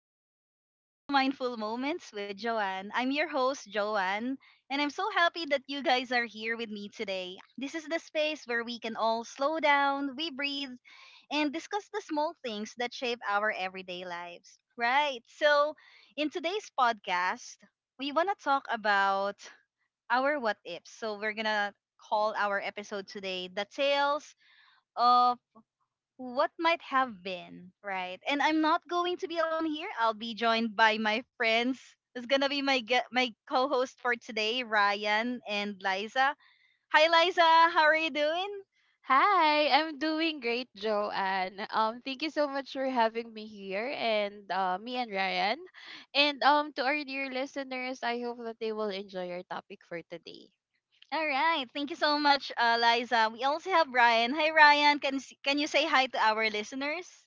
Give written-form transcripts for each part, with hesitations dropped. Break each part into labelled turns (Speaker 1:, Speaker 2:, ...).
Speaker 1: everyone, and welcome to Mindful Moments with Joanne. I'm your host, Joanne, and I'm so happy that you guys are here with me today. This is the space where we can all slow down, we breathe, and discuss the small things that shape our everyday lives. Right? So, in today's podcast, we want to talk about our what ifs. So, we're going to call our episode today The Tales of what might have been, right? And I'm not going to be alone here. I'll be joined by my friends. It's gonna be my co-host for today, Ryan and Liza. Hi, Liza. How are you doing?
Speaker 2: Hi, I'm doing great, Joanne. Thank you so much for having me here, and me and Ryan, and to our dear listeners, I hope that they will enjoy our topic for today.
Speaker 1: All right. Thank you so much, Liza. We also have Ryan. Hi, Ryan. Can you say hi to our listeners?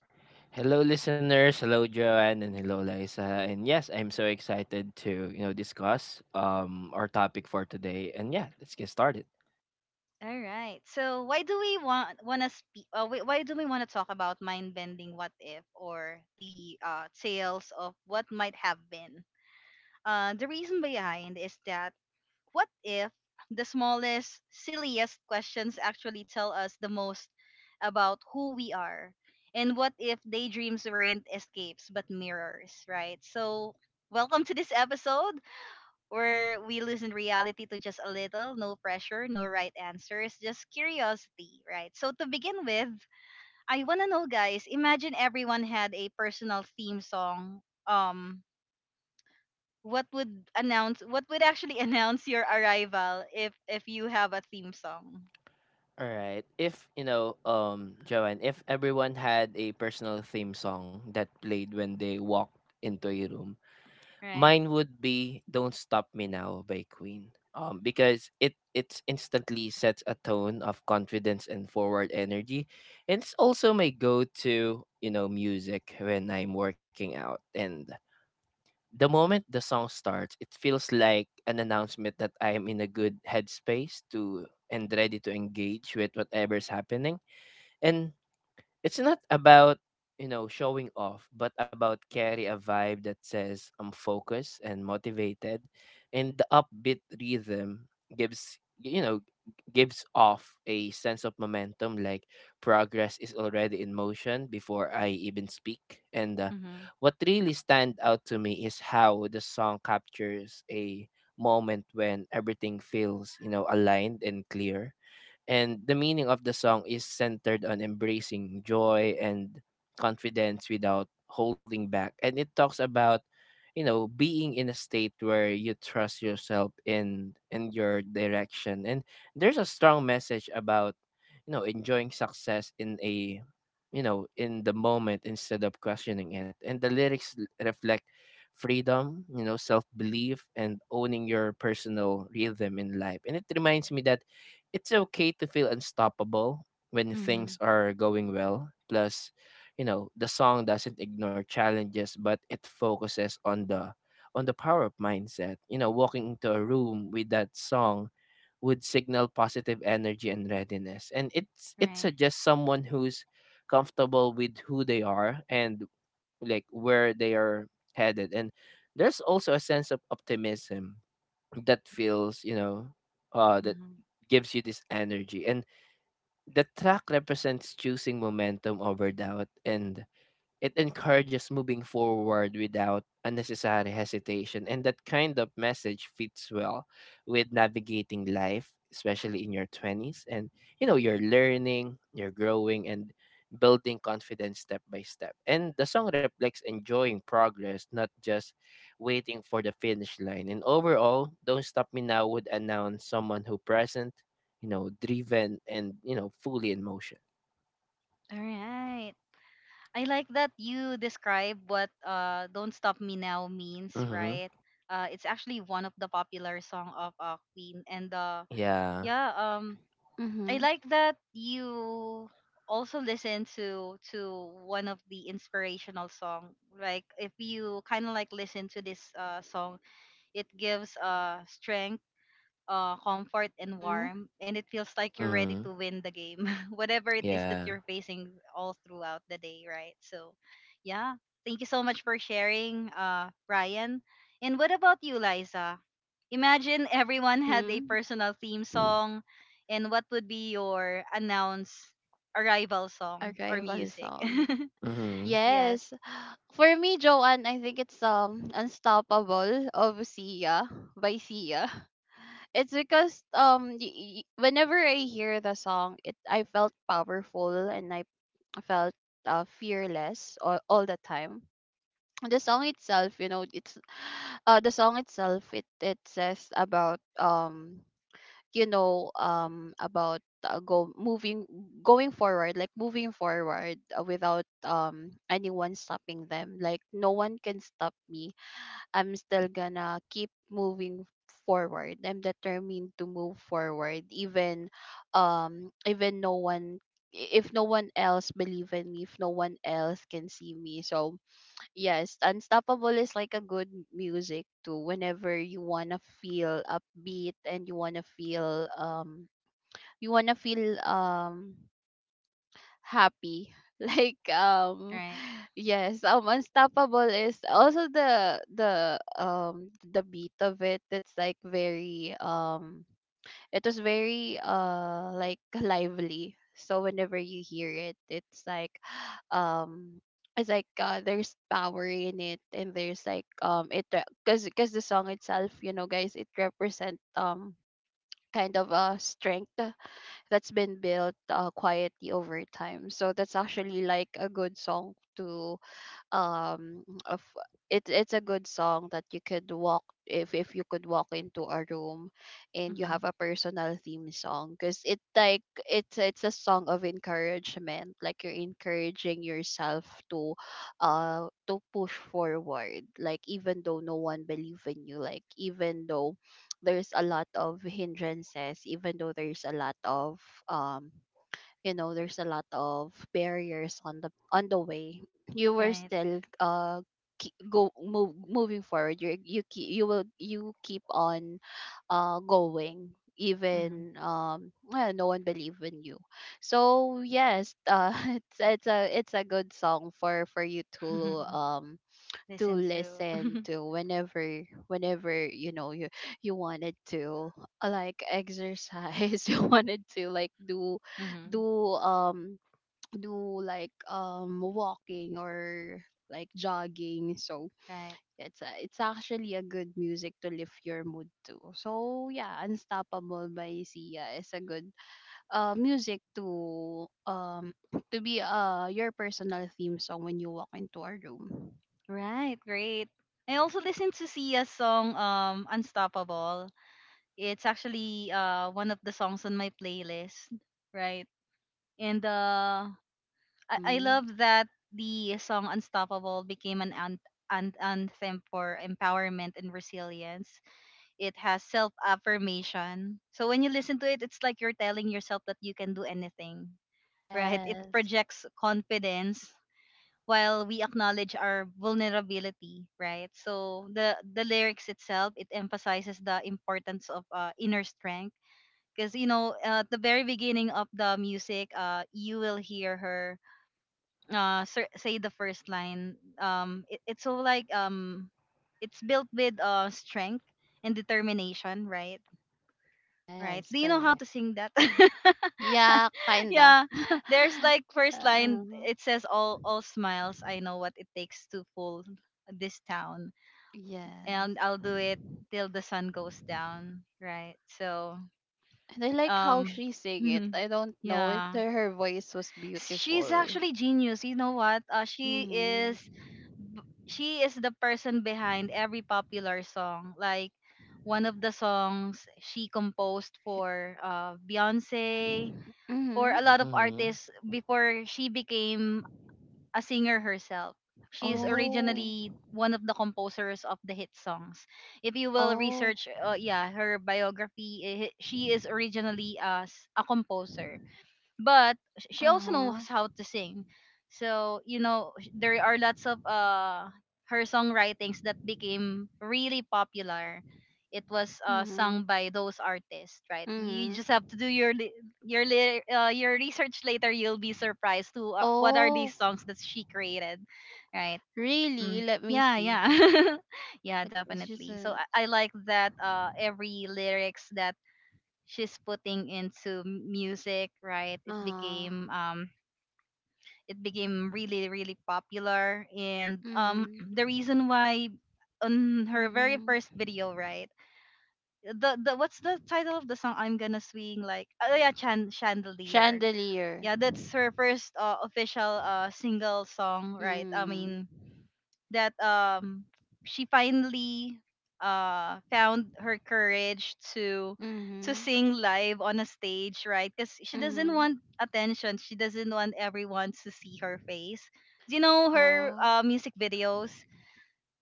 Speaker 1: All right. So, why do we want wanna speak? Wait, why do we want to talk about mind bending? What if, or the tales of what might have been? The reason behind is that what if the smallest, silliest questions actually tell us the most about who we are? And what if daydreams weren't escapes but mirrors, right? So, welcome to this episode where we loosen reality to just a little, no pressure, no right answers, just curiosity, right? So, to begin with, I want to know, guys, imagine everyone had a personal theme song. Um, what would announce, what would actually announce your arrival if you have a theme song? Right. Mhm. Mhm. Right. Mhm. All right. I like that you describe what don't stop me now means, right. It's actually one of the popular song of Queen. And uh, yeah. I
Speaker 2: Mm-hmm.
Speaker 1: like that you also listen to one of the inspirational song. Like if you kind of like listen to this song, it gives strength, comfort and
Speaker 2: Mm-hmm.
Speaker 1: warmth, and it feels like you're ready to win the game, whatever it is that you're facing all throughout the day, right? So, yeah, thank you so much for sharing, Ryan. And what about you, Liza? Imagine everyone had a
Speaker 2: Mm-hmm.
Speaker 1: personal theme song, and what would be your announced arrival song or
Speaker 2: Arrival
Speaker 1: music?
Speaker 2: song.
Speaker 1: Yes,
Speaker 2: Yes. For me, Joanne, I think it's Unstoppable of Sia, by Sia. It's because whenever I hear the song, it I felt powerful, and I felt fearless all the time. The song itself, it's the song itself, it says about, about, go moving going forward, like moving forward, without anyone stopping them, like no one can stop me. I'm still gonna keep moving forward. I'm determined to move forward, even no one if no one else believe in me, if no one else can see me. So yes, Unstoppable is like a good music too. Whenever you wanna feel upbeat and you wanna feel happy. Like um
Speaker 1: right.
Speaker 2: Yes, Unstoppable is also the beat of it. It was very like lively. So whenever you hear it, it's like um, it's like there's power in it, and there's like, it because the song itself, you know, guys, it represent kind of a strength that's been built quietly over time. So that's actually like a good song um of it's a good song that you could walk, if you could walk into a room, and you
Speaker 1: Mm-hmm.
Speaker 2: have a personal theme song, because it like it's a song of encouragement. Like, you're encouraging yourself to push forward, like even though no one believe in you, like even though there's a lot of hindrances, even though there's a lot of um you know there's a lot of barriers on the way. You were
Speaker 1: Right.
Speaker 2: still moving forward. You keep on going,
Speaker 1: Mm-hmm.
Speaker 2: even well, no one believe in you. So yes, it's a good song for you um to
Speaker 1: Listen to.
Speaker 2: listen to, whenever you know you wanted to like exercise, you wanted to, like, do
Speaker 1: Mm-hmm.
Speaker 2: do do like walking or, like, jogging. So
Speaker 1: Right.
Speaker 2: it's actually a good music to lift your mood to. So yeah, Unstoppable by Sia is a good music to be your personal theme song when you walk into a room.
Speaker 1: Right. Great. I also listened to Sia's song Unstoppable. It's actually one of the songs on my playlist, right? And I
Speaker 2: Mm-hmm.
Speaker 1: love that the song Unstoppable became an anthem for empowerment and resilience. It has self affirmation. So when you listen to it, it's like you're telling yourself that you can do anything, right? It
Speaker 2: Yes,
Speaker 1: projects confidence while we acknowledge our vulnerability, right? So the lyrics itself, it emphasizes the importance of inner strength, because you know, at the very beginning of the music, you will hear her say the first line. It's so like it's built with strength and determination, right? Right.
Speaker 2: yes,
Speaker 1: Do you know how
Speaker 2: correct.
Speaker 1: to sing that?
Speaker 2: Yeah, kinda.
Speaker 1: Yeah. There's like first line,
Speaker 2: Uh,
Speaker 1: it says, all smiles, I know what it takes to fool this town,
Speaker 2: yes.
Speaker 1: and I'll do it till the sun goes down, right? So,
Speaker 2: And I like how
Speaker 1: um
Speaker 2: she sing it. I don't know.
Speaker 1: yeah.
Speaker 2: Her voice was
Speaker 1: She's
Speaker 2: beautiful.
Speaker 1: actually genius. You know what?
Speaker 2: Mm-hmm.
Speaker 1: B- she is the person behind every popular song. Like one of the songs she composed for Beyonce, or a
Speaker 2: Mm-hmm.
Speaker 1: lot of artists before she became a singer herself. She is
Speaker 2: Oh.
Speaker 1: originally one of the composers of the hit songs. If you will
Speaker 2: Oh.
Speaker 1: research, yeah, her biography, eh, she is originally as a composer, but she also
Speaker 2: Uh-huh.
Speaker 1: knows how to sing. So you know, sh- there are lots of her songwritings that became really popular. It was
Speaker 2: Mm-hmm.
Speaker 1: sung by those artists, right? You
Speaker 2: Mm-hmm.
Speaker 1: just have to do your research later. You'll be surprised to what are these
Speaker 2: Oh.
Speaker 1: songs that she created, right?
Speaker 2: Really?
Speaker 1: Mm.
Speaker 2: Let me
Speaker 1: Yeah,
Speaker 2: see.
Speaker 1: yeah, yeah,
Speaker 2: Like, it's just
Speaker 1: definitely. So
Speaker 2: a
Speaker 1: I like that every lyrics that she's putting into music, right?
Speaker 2: uh
Speaker 1: It became really really popular. And
Speaker 2: mm-hmm.
Speaker 1: the reason why, on her very first
Speaker 2: Mm-hmm.
Speaker 1: video, right? The What's the title of the song? I'm gonna swing, like, oh yeah, chandelier.
Speaker 2: Chandelier.
Speaker 1: Yeah, that's her first official single song, right? I
Speaker 2: Mm.
Speaker 1: mean, that she finally found her courage to
Speaker 2: Mhm.
Speaker 1: sing live on a stage, right? Because she doesn't
Speaker 2: Mhm.
Speaker 1: want attention. She doesn't want everyone to see her face. Do you know her
Speaker 2: Oh,
Speaker 1: music videos?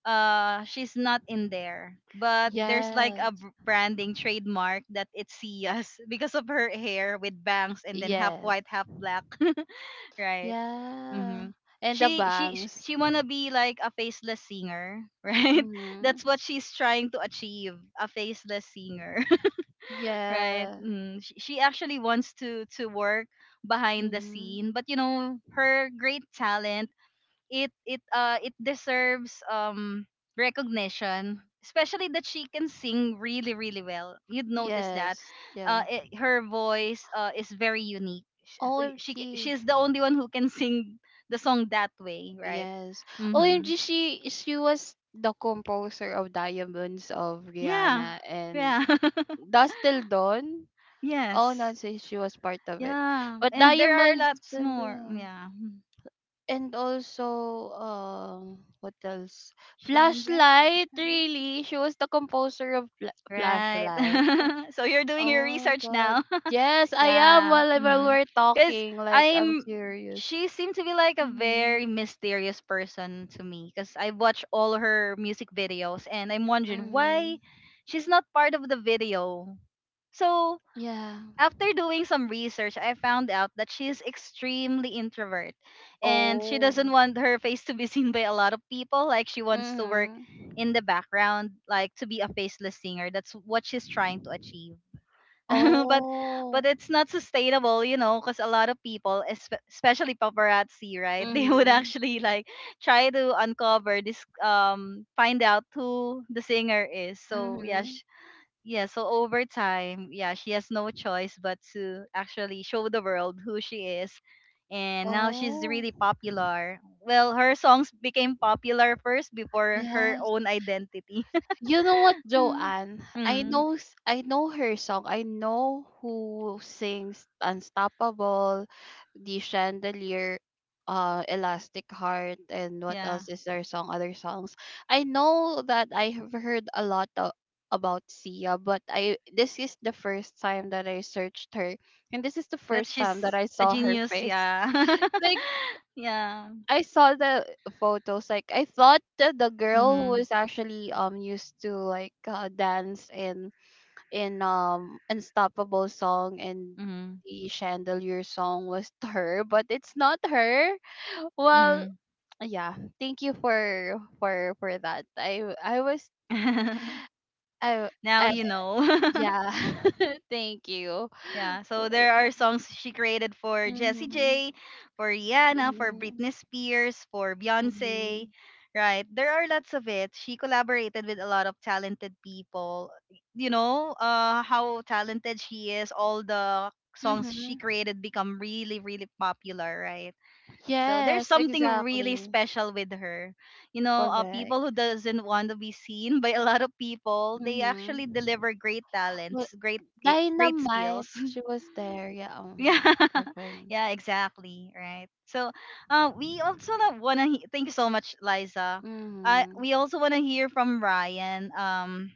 Speaker 1: She's not in there, but there's like
Speaker 2: yes.
Speaker 1: branding trademark that it's Sia's, because of her hair with bangs and then half
Speaker 2: Yes.
Speaker 1: white, half black, right?
Speaker 2: Yeah.
Speaker 1: Mm-hmm.
Speaker 2: And the bangs.
Speaker 1: She wanna be like a faceless singer, right? That's
Speaker 2: Mhm.
Speaker 1: what she's trying to achieve, a faceless singer, right?
Speaker 2: Yeah.
Speaker 1: Mm, she actually wants to work behind the
Speaker 2: Mhm.
Speaker 1: scene, but you know her great talent, it deserves recognition, especially that she can sing really really well. You'd notice that
Speaker 2: Yes. Yeah.
Speaker 1: her voice is very unique.
Speaker 2: OMG.
Speaker 1: She's the only one who can sing the song that way, right.
Speaker 2: Yes. OMG,
Speaker 1: Mhm.
Speaker 2: she was the composer of Diamonds of
Speaker 1: Yeah.
Speaker 2: Rihanna, and
Speaker 1: Yeah.
Speaker 2: Dust Till Dawn. Oh no,
Speaker 1: Yes.
Speaker 2: so she was part of it.
Speaker 1: Yeah,
Speaker 2: But
Speaker 1: and there are
Speaker 2: Diamonds,
Speaker 1: lots
Speaker 2: and
Speaker 1: more, yeah.
Speaker 2: also, what else?
Speaker 1: Shine bright like a
Speaker 2: Flashlight.
Speaker 1: fire,
Speaker 2: Really, she was the composer of
Speaker 1: right.
Speaker 2: Flashlight?
Speaker 1: So you're doing
Speaker 2: Oh
Speaker 1: your
Speaker 2: my
Speaker 1: research
Speaker 2: God,
Speaker 1: now.
Speaker 2: yes, I am.
Speaker 1: Yeah.
Speaker 2: While we're
Speaker 1: Because
Speaker 2: talking, like, I'm
Speaker 1: I'm.
Speaker 2: curious.
Speaker 1: She seemed to be like a
Speaker 2: Mm-hmm.
Speaker 1: very mysterious person to me, because I watch all her music videos and I'm wondering
Speaker 2: Mm-hmm.
Speaker 1: why she's not part of the video. So
Speaker 2: Yeah.
Speaker 1: after doing some research, I found out that she is extremely introvert and she
Speaker 2: Oh.
Speaker 1: doesn't want her face to be seen by a lot of people. Like she wants to
Speaker 2: Mm-hmm.
Speaker 1: work in the background, like to be a faceless singer. That's what she's trying to achieve. but but
Speaker 2: Oh.
Speaker 1: it's not sustainable, you know, because a lot of people, especially paparazzi, right? They would
Speaker 2: Mm-hmm.
Speaker 1: actually like try to uncover this, find out who the singer is. So yeah,
Speaker 2: Mm-hmm.
Speaker 1: sh- yeah. So over time, yeah, she has no choice but to actually show the world who she is. And now she's
Speaker 2: Oh,
Speaker 1: really popular. Well, her songs became popular first before her
Speaker 2: yeah.
Speaker 1: own identity.
Speaker 2: You know what,
Speaker 1: Mm.
Speaker 2: Joanne?
Speaker 1: Mm.
Speaker 2: I know her song. I know who sings Unstoppable, The Chandelier, Elastic Heart, and what
Speaker 1: Yeah.
Speaker 2: else is their song? Other songs. I know that I have heard a lot of, about Sia, but I this is the first time that I searched her, and this is the
Speaker 1: That
Speaker 2: first time that
Speaker 1: she's
Speaker 2: I
Speaker 1: a
Speaker 2: saw her
Speaker 1: genius.
Speaker 2: face.
Speaker 1: Yeah.
Speaker 2: Like,
Speaker 1: Yeah.
Speaker 2: I saw the photos. Like, I thought that the girl who
Speaker 1: Mhm.
Speaker 2: is actually, used to, like, dance in Unstoppable song and
Speaker 1: Mhm.
Speaker 2: the Chandelier song, was her, but it's not her. Well,
Speaker 1: Mhm.
Speaker 2: yeah. Thank you for that. I was I,
Speaker 1: Now
Speaker 2: I
Speaker 1: you know.
Speaker 2: Yeah. Thank you.
Speaker 1: Yeah. So there are songs she created for Jessie
Speaker 2: Mm-hmm,
Speaker 1: J, for Rihanna, for Britney
Speaker 2: mm-hmm,
Speaker 1: Spears, for Beyonce.
Speaker 2: mm-hmm.
Speaker 1: Right. There are lots of it. She collaborated with a lot of talented people. You know, uh, how talented she is. All the songs
Speaker 2: Mm-hmm.
Speaker 1: she created become really really popular, right? So there's
Speaker 2: Yes,
Speaker 1: something really
Speaker 2: exactly.
Speaker 1: special with her. You know, people who
Speaker 2: Correct.
Speaker 1: doesn't want to be seen by a lot of people, they
Speaker 2: Mhm.
Speaker 1: actually deliver great
Speaker 2: Well,
Speaker 1: talents, great skills.
Speaker 2: Dynamite, she was there. Yeah,
Speaker 1: Yeah.
Speaker 2: open.
Speaker 1: Yeah, exactly, right. So, we also thank you so much, Liza. I,
Speaker 2: Mm-hmm.
Speaker 1: we also want to hear from Ryan.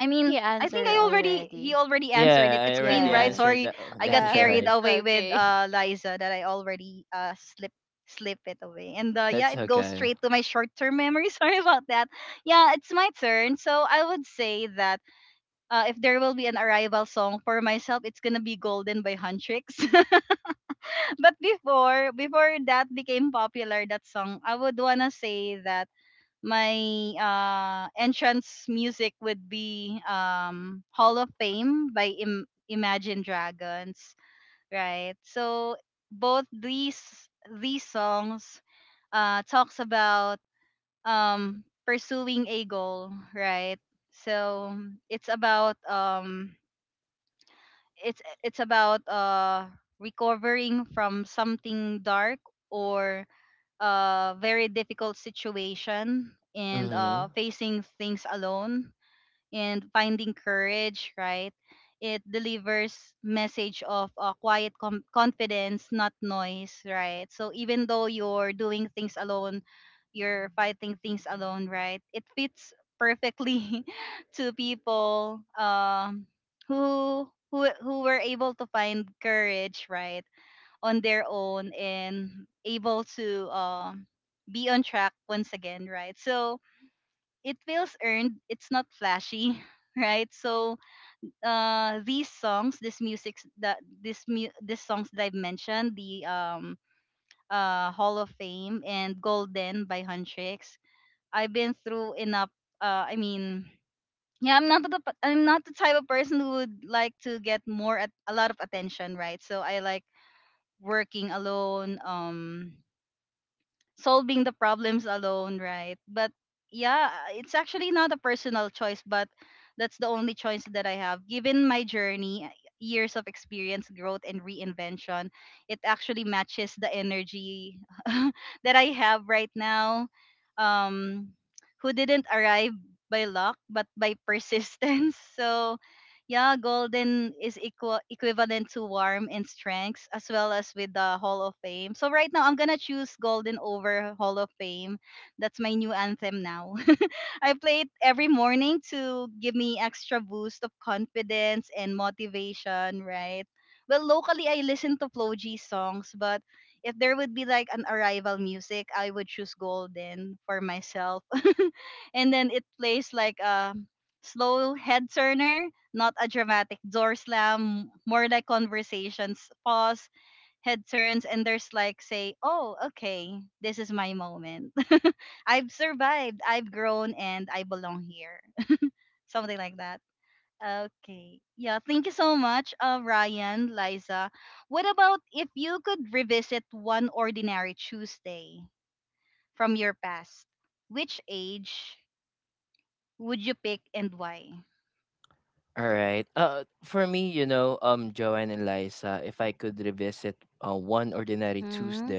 Speaker 1: I
Speaker 2: Think
Speaker 1: mean,
Speaker 2: he
Speaker 1: I think
Speaker 2: answered
Speaker 1: I already he
Speaker 2: already.
Speaker 1: already answered it. It's Queen, right?
Speaker 2: Yeah,
Speaker 1: Sorry, I got
Speaker 2: yeah,
Speaker 1: carried
Speaker 2: it's
Speaker 1: away with
Speaker 2: okay.
Speaker 1: Liza that I already slip it away. And yeah, it goes straight to my short term memory. Sorry about that. Yeah, it's my turn. So I would say that if there will be an arrival song for myself, it's gonna be Golden by Huntrix. But before that became popular that song, I would wanna say that my entrance music would be Hall of Fame by Imagine Dragons, right? So both these songs talks about pursuing a goal, right? So it's about um it's about recovering from something dark, or a very difficult situation, and facing things alone and finding courage, right. It delivers message of quiet confidence, not noise, right. So even though you're doing things alone, you're fighting things alone, right. It fits perfectly to people, who were able to find courage, right, on their own, and able to be on track once again, right? So it feels earned. It's not flashy, right? So these songs, this music that this songs that I've mentioned, the Hall of Fame and Golden by Huntrix. I've been through enough. I mean. Yeah, I'm not the I'm not the type of person who would like to get more at a lot of attention, right? So I like working alone, um, solving the problems alone, right? But yeah, it's actually not a personal choice, but that's the only choice that I have. Given my journey, years of experience, growth, and reinvention, it actually matches the energy that I have right now. Um, who didn't arrive by luck, but by persistence. So yeah, golden is equal equivalent to warm in strengths as well as with the Hall of Fame. So right now I'm gonna choose golden over Hall of Fame. That's my new anthem now. I play it every morning to give me extra boost of confidence and motivation, right? Well, locally I listen to Flo G songs, but if there would be like an arrival music, I would choose golden for myself. And then it plays like a slow head turner, not a dramatic door slam, more like conversations, pause, head turns, and there's like, say, oh, okay, this is my moment. I've survived, I've grown, and I belong here. Something like that. Okay. Yeah, thank you so much, Ryan, Liza. What about if you could revisit one ordinary Tuesday from your past? Which age would you pick and why?
Speaker 2: Mm-hmm.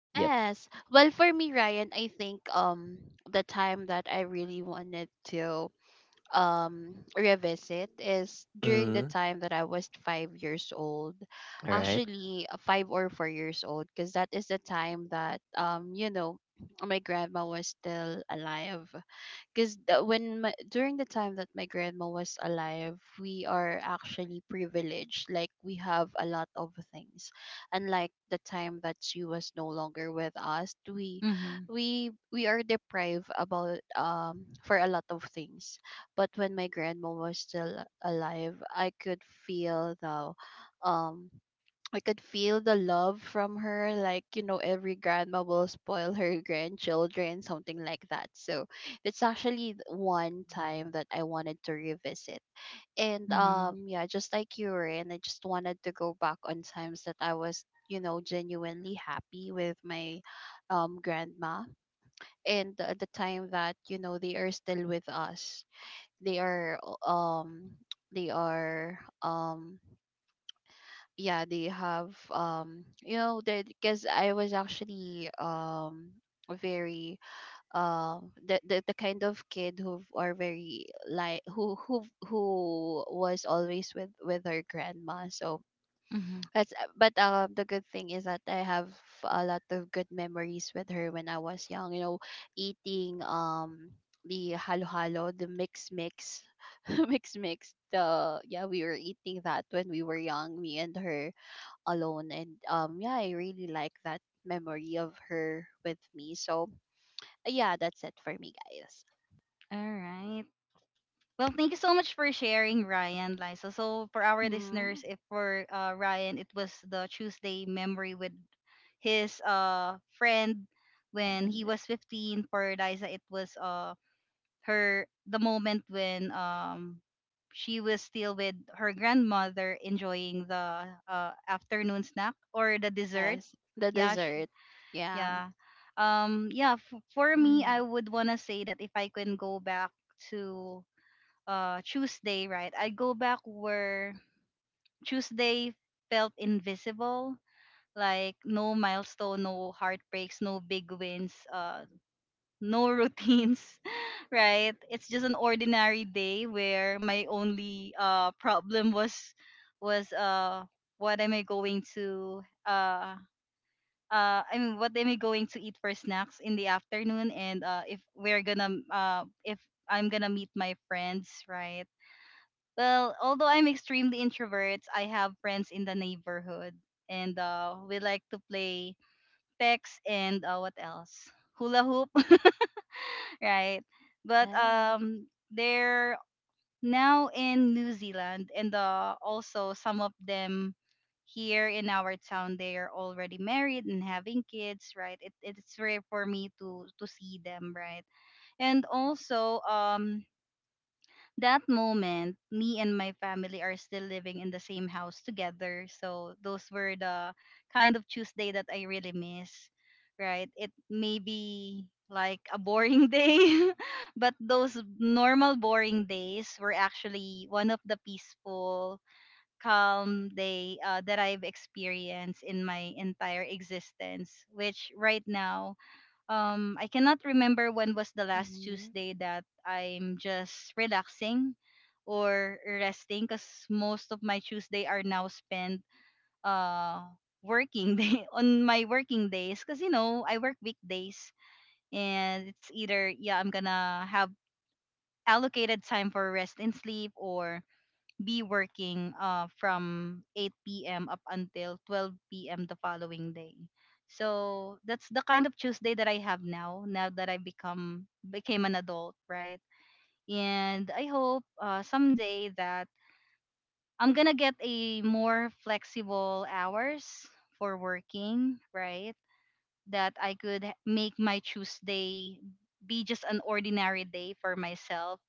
Speaker 2: Yes. Well, for me, Ryan, I think the time that I really wanted to revisit is during the time that I was 5 years old, actually, 5 or 4 years old, because that is the time that, you know, my grandma was still alive. Because during the time that my grandma was alive, we are actually privileged. Like, we have a lot of things, unlike the time that she was no longer with us. We
Speaker 1: Mm-hmm.
Speaker 2: we we are deprived about, for a lot of things, but when my grandma was still alive, um I could feel the love from her. Like, you know, every grandma will spoil her grandchildren, something like that. So it's actually, one
Speaker 1: Mm.
Speaker 2: time that I wanted to revisit. And
Speaker 1: Mm-hmm.
Speaker 2: yeah, just like you were, and I just wanted to go back on times that I was, you know, genuinely happy with my grandma, and the time that, you know, they are still with us. They are um they are Yeah, they have, that, because I was actually, very, the kind of kid who are very, like, who was always with her grandma. So
Speaker 1: Mm-hmm.
Speaker 2: that's But the good thing is that I have a lot of good memories with her when I was young. You know, eating, the halo halo, the mix mix, mix mix. The Yeah, we were eating that when we were young, me and her alone. And yeah, I really like that memory of her with me. So yeah, that's it for me, guys.
Speaker 1: All right. Well, thank you so much for sharing, Ryan, Liza. So, for our
Speaker 2: Mhm.
Speaker 1: listeners, if for Ryan, it was the Tuesday memory with his friend when he
Speaker 2: Friend.
Speaker 1: was 15. For Liza, it was her the moment when she was still with her grandmother enjoying the afternoon snack or the dessert.
Speaker 2: Yes, the
Speaker 1: Yeah,
Speaker 2: dessert. Yeah.
Speaker 1: yeah. Yeah. For me,
Speaker 2: Mhm.
Speaker 1: I would wanna say that if I can go back to Tuesday, right? I go back where Tuesday felt invisible, like no milestone, no heartbreaks, no big wins, no routines, right? It's just an ordinary day where my only problem was was what am I going to uh I mean, what am I going to eat for snacks in the afternoon? And if if I'm gonna meet my friends, right? Well, although I'm extremely introvert, I have friends in the neighborhood, and we like to play text and what else? Hula hoop, right? But
Speaker 2: Yes.
Speaker 1: they're now in New Zealand, and also some of them here in our town, they are already married and having kids, right? It's rare for me to see them, right? And also, that moment, me and my family are still living in the same house together. So those were the kind of Tuesday that I really miss, right? It may be like a boring day, but those normal boring days were actually one of the peaceful, calm day that I've experienced in my entire existence, which right now I cannot remember when was the last
Speaker 2: Mm-hmm.
Speaker 1: Tuesday that I'm just relaxing or resting because most of my Tuesday are now spent uh working day on my working days because you know I work weekdays and it's either yeah I'm gonna have allocated time for rest and sleep or be working from 8 p.m. up until 12 p.m. the following day. So that's the kind of Tuesday that I have now, now that I become became an adult, right? And I hope someday that I'm gonna get a more flexible hours for working, right? That I could make my Tuesday be just an ordinary day for myself,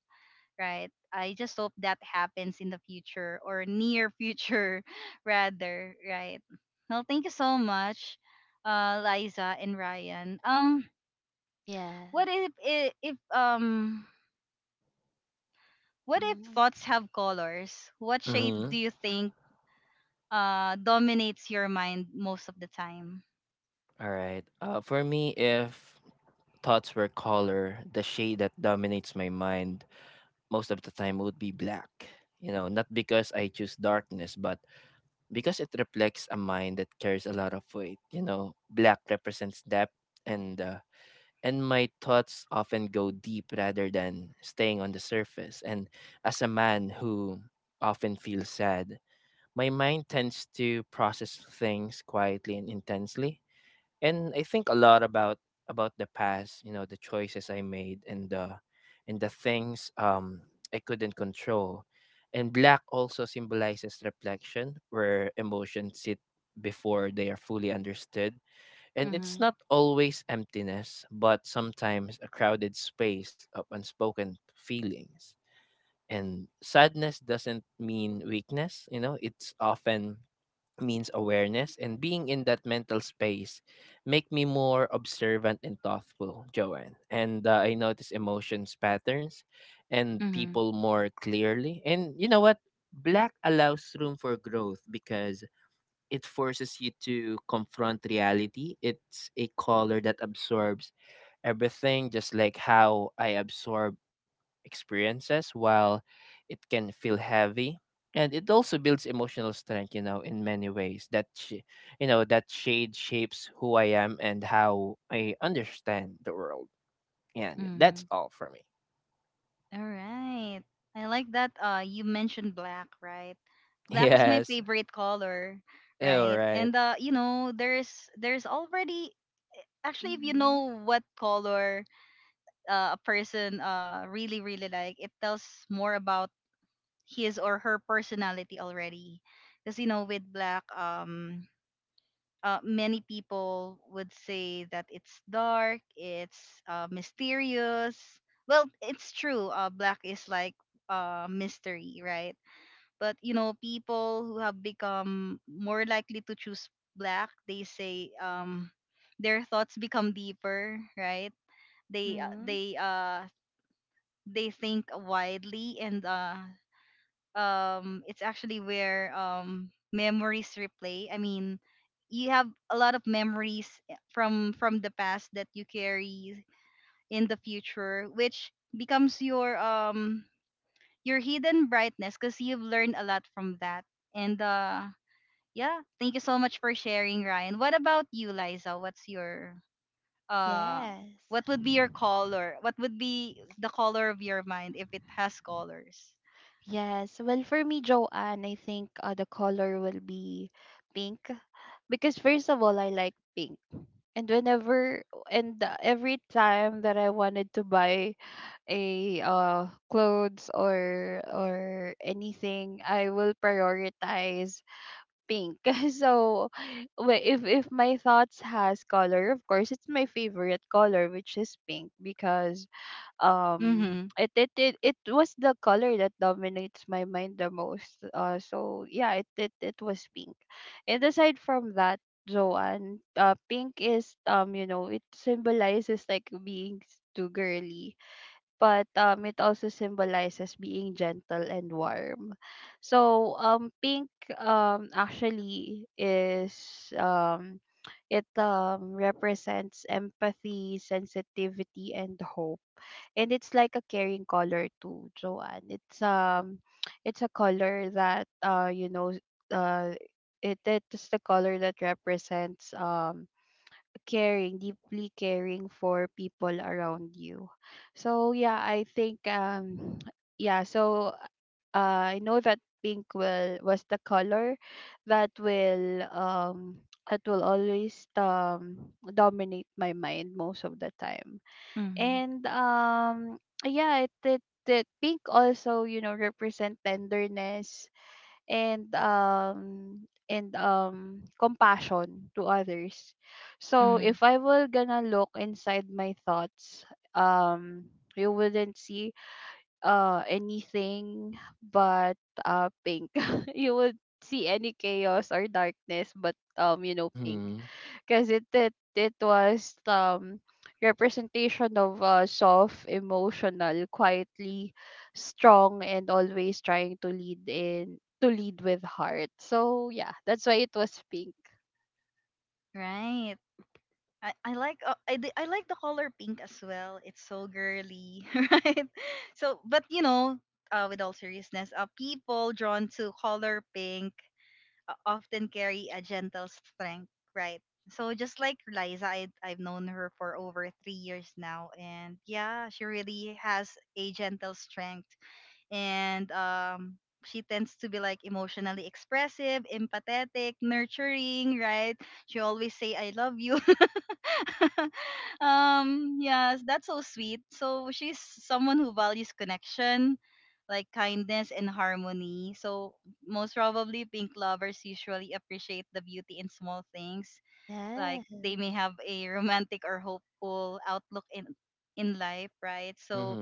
Speaker 1: right? I just hope that happens in the future or near future, rather, right? Well, thank you so much, Liza and Ryan. What
Speaker 2: Yes.
Speaker 1: if what if
Speaker 2: Mhm.
Speaker 1: thoughts have colors? What shade do you think dominates your mind most of the time? Mm-hmm. Mm-hmm. Mm-hmm. All right. I like that you mentioned black, right? Black is my favorite color,
Speaker 2: Yeah.
Speaker 1: right? And you know, there's already actually if you
Speaker 2: Mhm.
Speaker 1: know what color a person really like, it tells more about his or her personality already. Cuz you know with black many people would say that it's dark, it's mysterious. Well, it's true. Black is like mystery, right? But you know, people who have become more likely to choose black, they say their thoughts become deeper, right? They uh,
Speaker 2: Mhm.
Speaker 1: they uh they think widely and it's actually where memories replay, I mean, you have a lot of memories from the past that you carry in the future which becomes your hidden brightness because you've learned a lot from that. And yeah, thank you so much for sharing, Ryan. What about you, Liza? What's your uh
Speaker 2: Yes.
Speaker 1: what would be your color, what would be the color of your mind if it has colors?
Speaker 2: Yes. Well, for me, Joanne, I think, the color will be pink, because first of all, I like pink. And whenever and every time that I wanted to buy a clothes, or anything, I will prioritize pink. So, if my thoughts has color, of course it's my favorite color, which is pink, because um
Speaker 1: Mm-hmm.
Speaker 2: it was the color that dominates my mind the most. So yeah, it was pink. And aside from that, Joanne, pink is, it symbolizes, like, being too girly, but it also symbolizes being gentle and warm. So pink, actually, is, um it represents empathy, sensitivity, and hope. And it's like a carrying color too, Joanne. It's it's a color that, you know, uh, it it is the color that represents, caring, deeply caring for people around you. So yeah, I think, yeah. So I know that pink, will was the color, that will, that will always, dominate my mind most of the time.
Speaker 1: Mm-hmm.
Speaker 2: And yeah, it pink also, you know, represent tenderness, and um and compassion to others. So
Speaker 1: Mm-hmm.
Speaker 2: if I were gonna look inside my thoughts, um you wouldn't see anything but pink. You would see any chaos or darkness, but you know, pink. Because it was, representation of a soft, emotional, quietly strong, and always trying to lead, in to lead with heart. So yeah, that's why it was pink.
Speaker 1: Right. I like I like the color pink as well. It's so girly, right? So, but you know, with all seriousness, people drawn to color pink often carry a gentle strength, right? So just like Liza, I've known her for over 3 years now, and yeah, she really has a gentle strength, and she tends to be like emotionally expressive, empathetic, nurturing, right? She always say "I love you." Yes, that's so sweet. So she's someone who values connection, like kindness and harmony. So most probably pink lovers usually appreciate the beauty in small things, like
Speaker 2: Yeah.
Speaker 1: they may have a romantic or hopeful outlook in life, right? So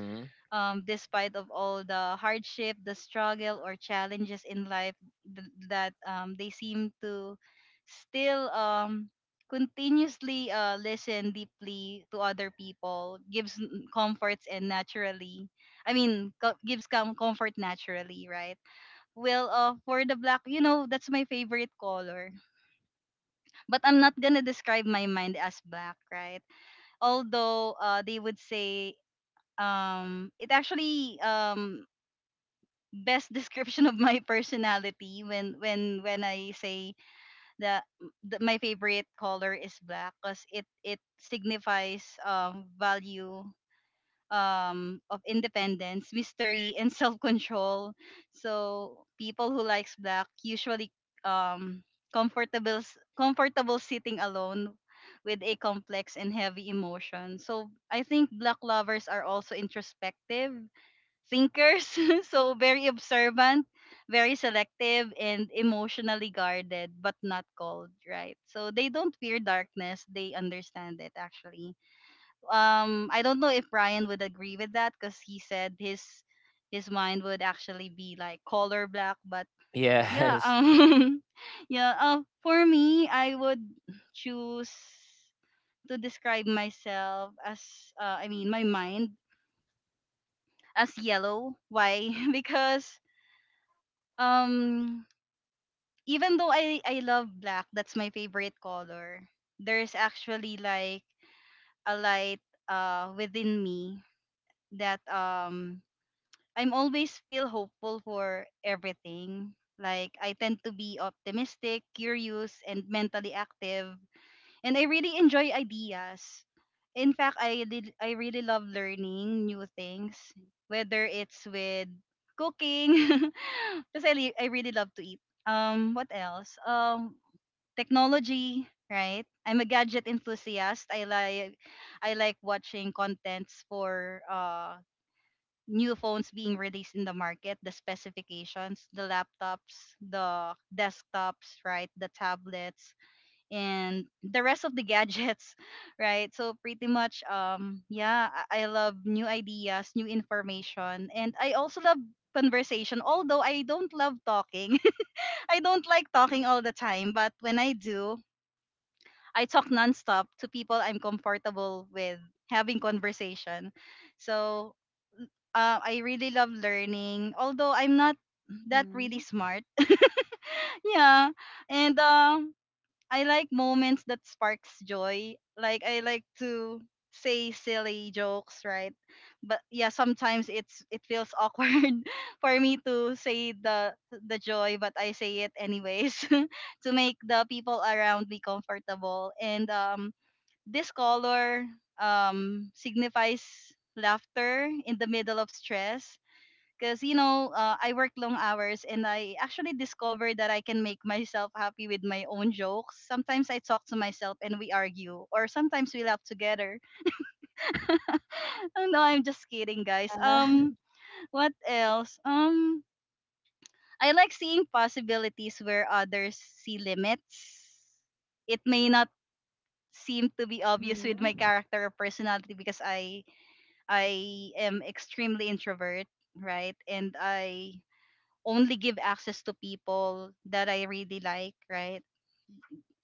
Speaker 1: despite of all the hardship, the struggle or challenges in life, that they seem to still continuously listen deeply to other people, comforts and naturally, I mean, gives comfort naturally, right? Well, for the black, you know, that's my favorite color. But I'm not gonna describe my mind as black, right? Although they would say it actually best description of my personality when I say that, that my favorite color is black because it signifies value of independence, mystery, and self control. So people who likes black usually um comfortable comfortable sitting alone with a complex and heavy emotion. So I think black lovers are also introspective thinkers, so very observant, very selective, and emotionally guarded, but not cold, right? So they don't fear darkness; they understand it. Actually, I don't know if Ryan would agree with that because he said his mind would actually be like color black, but yeah, yeah. For me, I would choose to describe myself as, I mean, my mind as yellow. Why? Because um even though I love black, that's my favorite color. There's actually like a light within me that I'm always feel hopeful for everything. Like I tend to be optimistic, curious and mentally active, and I really enjoy ideas. In fact, I really love learning new things, whether it's with cooking, because I really love to eat. What else? Technology, right? I'm a gadget enthusiast. I like watching contents for new phones being released in the market, the specifications, the laptops, the desktops, right? The tablets and the rest of the gadgets. Right, so pretty much yeah, I love new ideas, new information, and I also love conversation, although I don't love talking. I don't like talking all the time, but when I do, I talk nonstop. To people I'm comfortable with, having conversation. So I really love learning, although I'm not that really
Speaker 2: Mm-hmm.
Speaker 1: smart. Yeah. And I like moments that sparks joy. Like I like to say silly jokes, right? But yeah, sometimes it feels awkward for me to say the joy, but I say it anyways to make the people around me comfortable. And this color signifies laughter in the middle of stress, because you know I work long hours and I actually discovered that I can make myself happy with my own jokes. Sometimes I talk to myself and we argue, or sometimes we laugh together. Oh, no, I'm just kidding, guys.
Speaker 2: Yeah.
Speaker 1: What else? I like seeing possibilities where others see limits. It may not seem to be obvious with my
Speaker 2: Mm-hmm.
Speaker 1: character or personality because I am extremely introvert, right? And I only give access to people that I really like, right?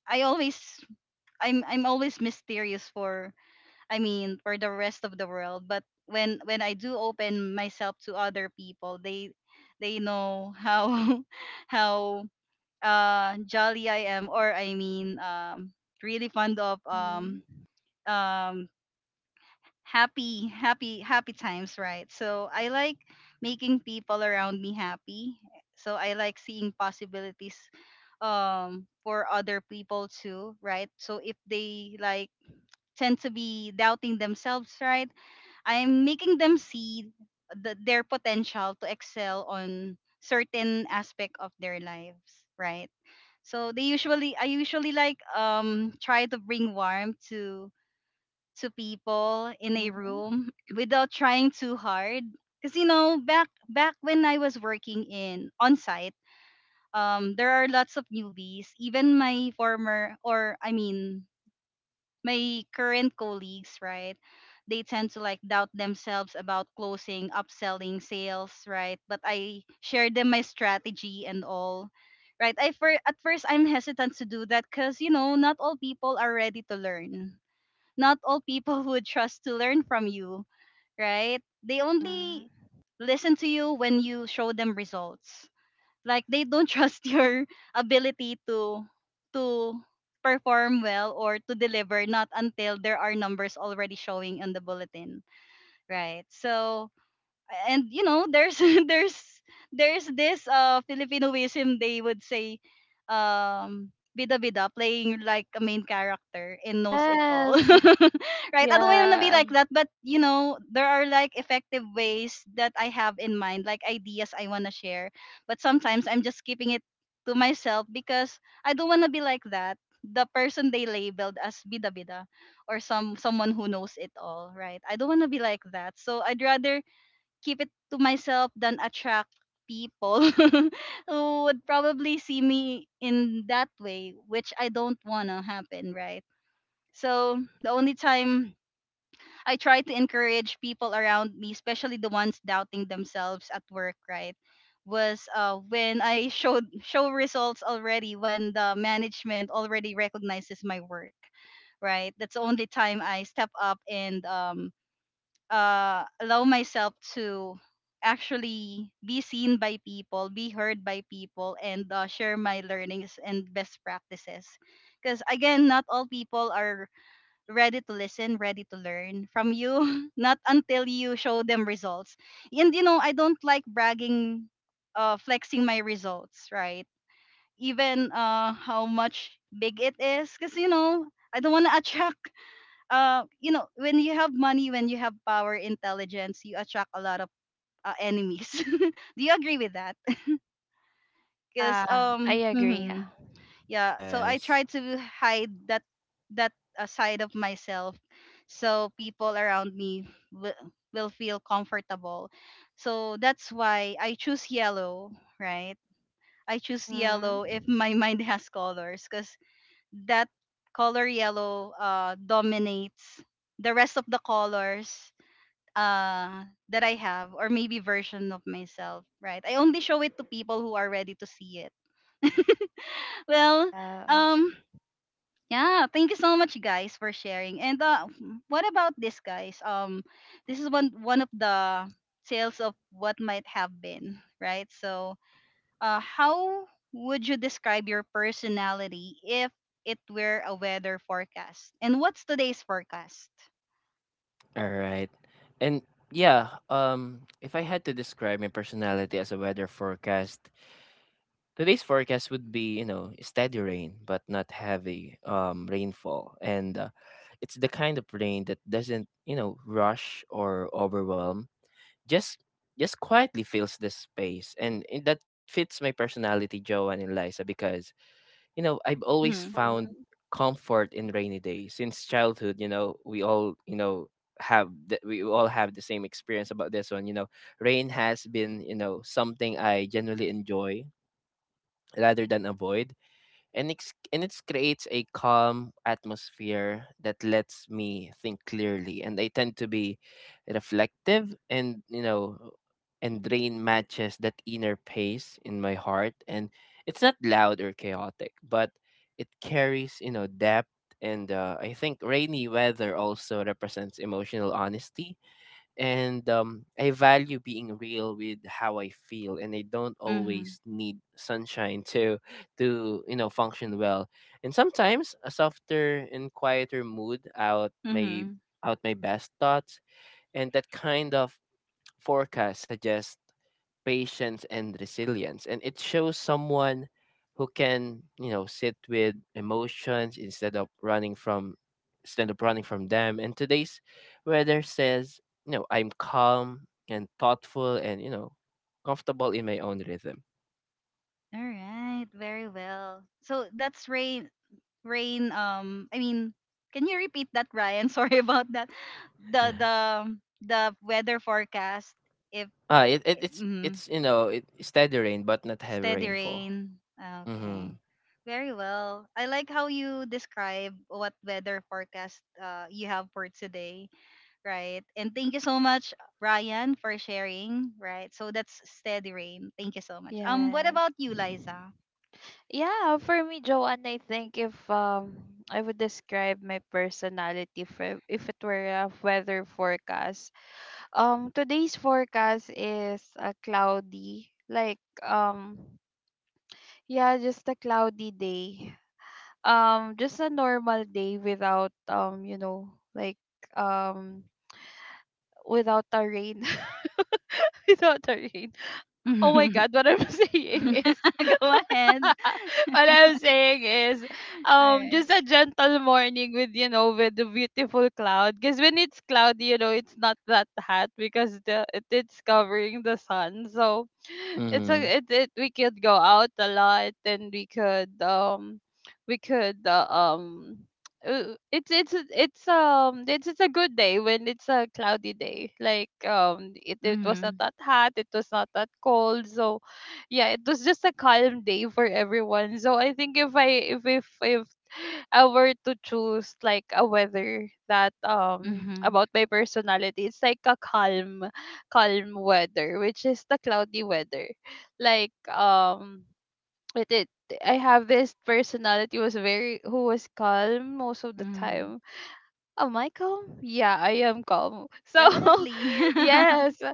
Speaker 1: I always I'm always mysterious for, I mean, for the rest of the world, but when I do open myself to other people, they know how how jolly I am, or I mean really fond of
Speaker 2: Mm-hmm.
Speaker 1: um happy times, right? So I like making people around me happy. So I like seeing possibilities for other people too, right? So if they like tend to be doubting themselves, right, I'm making them see their potential to excel on certain aspect of their lives, right? So they usually, I usually like try to bring warmth to people in a
Speaker 2: Mm-hmm.
Speaker 1: room without trying too hard. Because you know, back when I was working in on site, there are lots of newbies. Even my former, or I mean, my current colleagues, right? They tend to like doubt themselves about closing, upselling, sales, right? But I share them my strategy and all. Right, I for at first I'm hesitant to do that because you know not all people are ready to learn, not all people would trust to learn from you, right? They only
Speaker 2: Mm-hmm.
Speaker 1: listen to you when you show them results. Like they don't trust your ability to perform well or to deliver, not until there are numbers already showing in the bulletin, right? So, and you know there's there's there's this Filipinoism they would say, um bida bida, playing like a main character and knows it all,
Speaker 2: Yes.
Speaker 1: right? I don't want to be
Speaker 2: Yeah.
Speaker 1: like that, but you know there are like effective ways that I have in mind, like ideas I want to share, but sometimes I'm just keeping it to myself because I don't want to be like that, the person they labeled as bida bida, or someone who knows it all, right? I don't want to be like that, so I'd rather keep it to myself than attract people who would probably see me in that way, which I don't want to happen, right? So the only time I try to encourage people around me, especially the ones doubting themselves at work, right? Was when I show results already, when the management already recognizes my work, right? That's the only time I step up, and allow myself to actually be seen by people, be heard by people, and share my learnings and best practices. Because again, not all people are ready to listen, ready to learn from you, not until you show them results. And you know, I don't like bragging, flexing my results, right? Even how much big it is, because you know, I don't want to attract, you know, when you have money, when you have power, intelligence, you attract a lot of enemies. Do you agree with that? Because
Speaker 2: Yeah, I agree.
Speaker 1: yeah. So I try to hide that, that side of myself, so people around me will feel comfortable. So that's why I choose yellow, right? I choose
Speaker 2: Mm-hmm.
Speaker 1: yellow if my mind has colors, because that color yellow dominates the rest of the colors that I have, or maybe version of myself, right? I only show it to people who are ready to see it. Well,
Speaker 2: Mm-hmm. Yeah.
Speaker 1: um yeah, thank you so much, guys, for sharing. And what about this, guys? This is one of the tales of what might have been, right? So, how would you describe your personality if it were a weather forecast? And what's today's forecast? Mhm.
Speaker 2: Mm-hmm.
Speaker 1: Mhm. Mhm. All right, very well. So that's rain, I mean, can you repeat that, Ryan? Sorry about that. The the the weather forecast, if, mm, steady rain. Okay. Very well. I like how you describe what weather forecast you have for today, right? And thank you so much, Ryan, for sharing, right? So that's steady rain. Thank you so much. What
Speaker 2: Yes.
Speaker 1: about you, Liza?
Speaker 2: Yeah, for me, Joanne, I think, if I would describe my personality for if it were a weather forecast. Today's forecast is a cloudy, like, yeah, just a cloudy day. Just a normal day, without, um without a rain, without a rain. Oh my God, what I'm saying is,
Speaker 1: Go ahead.
Speaker 2: what I'm saying is,
Speaker 1: All right.
Speaker 2: just a gentle morning, with, you know, with the beautiful cloud. Because when it's cloudy, you know it's not that hot, because it's covering the sun. So it's a it, it we could go out a lot, and we could it's a good day when it's a cloudy day. Like, it was not
Speaker 1: Mhm.
Speaker 2: that hot, it was not that cold. So, yeah, it was just a calm day for everyone. So I think if I were to choose like a weather that
Speaker 1: Mhm.
Speaker 2: about my personality, it's like a calm weather, which is the cloudy weather. Like, it, it I have this personality was very who was calm most of the
Speaker 1: Mhm.
Speaker 2: time. Oh, am I calm? Yeah, I am calm, so
Speaker 1: Definitely.
Speaker 2: yes,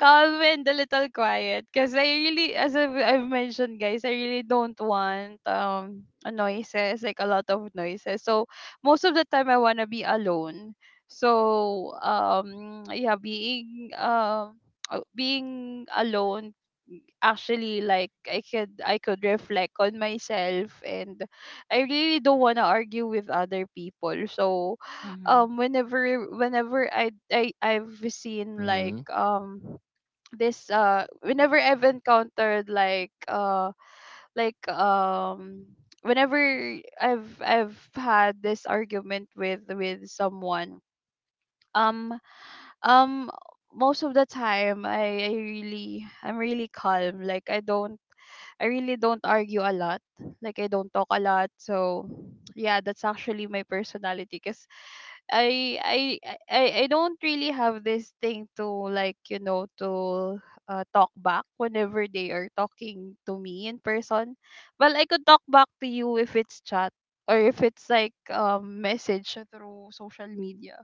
Speaker 2: calm and a little quiet. Because I really, as I've mentioned, guys, I really don't want a noises, like a lot of noises. So most of the time, I wanna be alone. So, yeah, being, being alone, actually, like, I could reflect on myself, and I really don't want to argue with other people. So,
Speaker 1: mhm.
Speaker 2: whenever I've seen, like, this, whenever I've encountered, like, like, whenever I've had this argument with someone, um um most of the time, I'm really calm. Like, I really don't argue a lot. Like, I don't talk a lot. So yeah, that's actually my personality, because I, I I don't really have this thing to, like, you know, to talk back whenever they are talking to me in person. Well, I could talk back to you if it's chat, or if it's like, message through social media,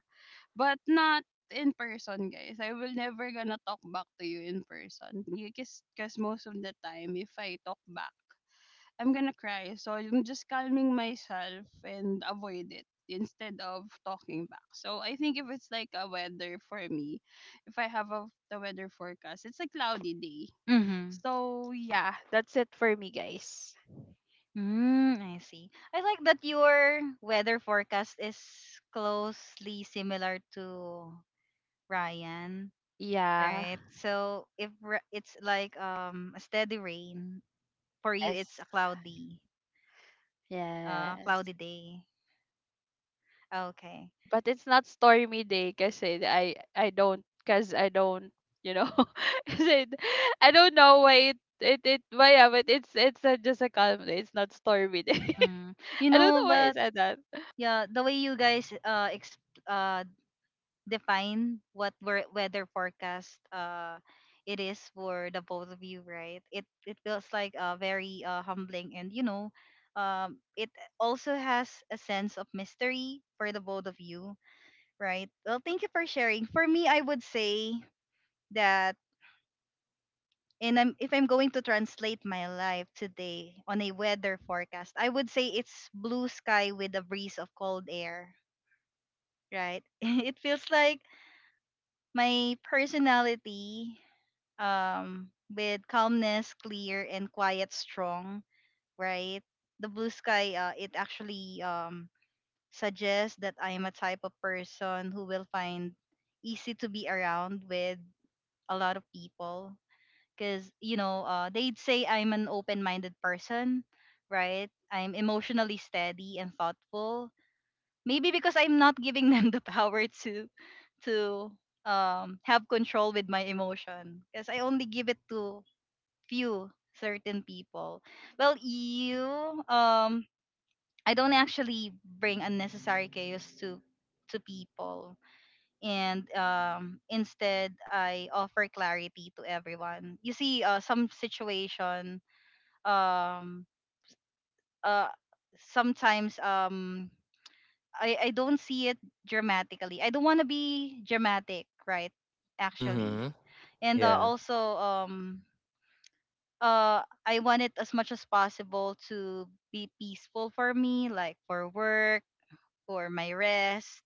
Speaker 2: but not in person, guys. I will never gonna talk back to you in person. Because cause most of the time, if I talk back, I'm gonna cry. So I'm just calming myself and avoid it instead of talking back. So I think if it's like a weather for me, if I have the weather forecast, it's a cloudy day.
Speaker 1: Mhm.
Speaker 2: So yeah, that's it for me, guys.
Speaker 1: Mm, I see. I like that your weather forecast is closely similar to Ryan,
Speaker 2: Yeah.
Speaker 1: right? So if, it's like a steady rain for you, it's
Speaker 2: Yes.
Speaker 1: a cloudy, uh,
Speaker 2: Yes.
Speaker 1: cloudy day. Okay.
Speaker 2: Yeah, but it's not stormy day, kasi I don't, cause I don't, you know kasi I don't know why it it, it why, yeah, but it's just a calm day. It's not stormy day.
Speaker 1: Mm. You
Speaker 2: I don't
Speaker 1: know,
Speaker 2: know why I
Speaker 1: but
Speaker 2: said that.
Speaker 1: yeah, the way you guys uh define what, weather forecast, it is for the both of you, right? It feels like very humbling, and you know, it also has a sense of mystery for the both of you, right? Well, thank you for sharing. For me, I would say that, if I'm going to translate my life today on a weather forecast, I would say it's blue sky with a breeze of cold air, right? it feels like my personality, with calmness, clear and quiet strong, right? The blue sky, it actually, suggests that I am a type of person who will find easy to be around with a lot of people, because you know, they'd say I'm an open-minded person, right? I'm emotionally steady and thoughtful, maybe because I'm not giving them the power to, have control with my emotion, because I only give it to few certain people. Well, you um I don't actually bring unnecessary chaos to people, and instead I offer clarity to everyone. You see, some situation, um uh sometimes, I don't see it dramatically. I don't want to be dramatic, right? Actually. And also, I want it as much as possible to be peaceful for me, like for work, for my rest,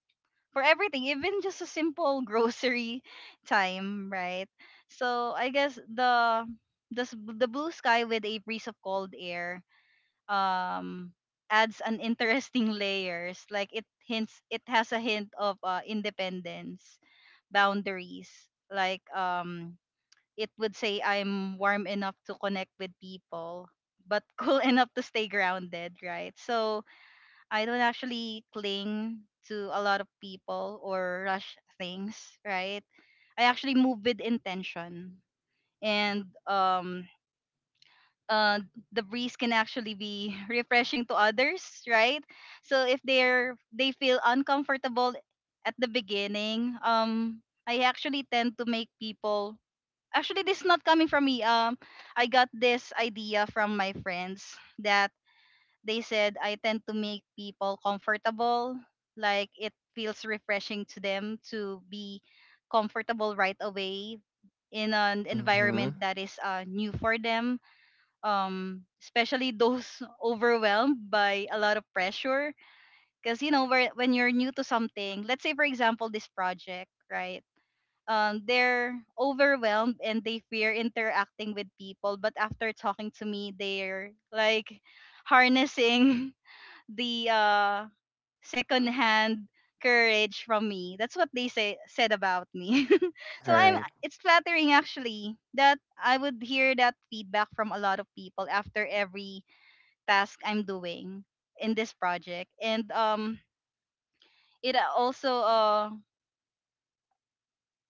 Speaker 1: for everything, even just a simple grocery time, right? So I guess, the blue sky with a breeze of cold air, um adds an interesting layers. Like it hints, it has a hint of, independence, boundaries, like, it would say I'm warm enough to connect with people, but cool enough to stay grounded, right? So I don't actually cling to a lot of people or rush things, right? I actually move with intention. And, uh the breeze can actually be refreshing to others, right? So if, they feel uncomfortable at the beginning, I actually tend to make people, actually this is not coming from me, I got this idea from my friends that they said I tend to make people comfortable, like it feels refreshing to them to be comfortable right away in an environment that is, new for them, especially those overwhelmed by a lot of pressure, because you know, when you're new to something, let's say for example this project, right? They're overwhelmed and they fear interacting with people. But after talking to me, they're like harnessing the, secondhand courage from me. That's what they say said about me. so, I'm it's flattering actually that I would hear that feedback from a lot of people after every task I'm doing in this project. And it, also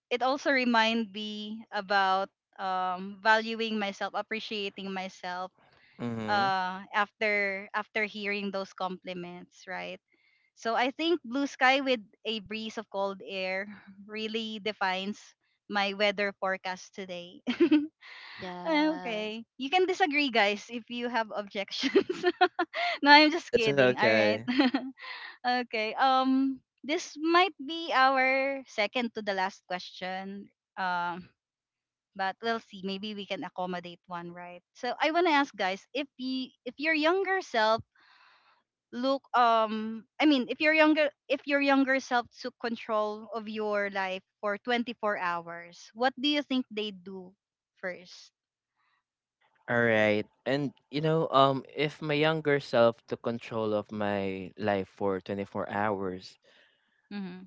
Speaker 1: it also remind me about, valuing myself, appreciating myself, after hearing those compliments, right? So I think blue sky with a breeze of cold air really defines my weather forecast today.
Speaker 2: Yes.
Speaker 1: okay, you can disagree, guys, if you have objections. no, I'm just kidding. All right. okay. This might be our second to the last question. But we'll see, maybe we can accommodate one, right? So I want to ask, guys, if your younger self look I mean, if your younger self took control of your life for 24 hours, what do you think they do 1st? Mm-hmm.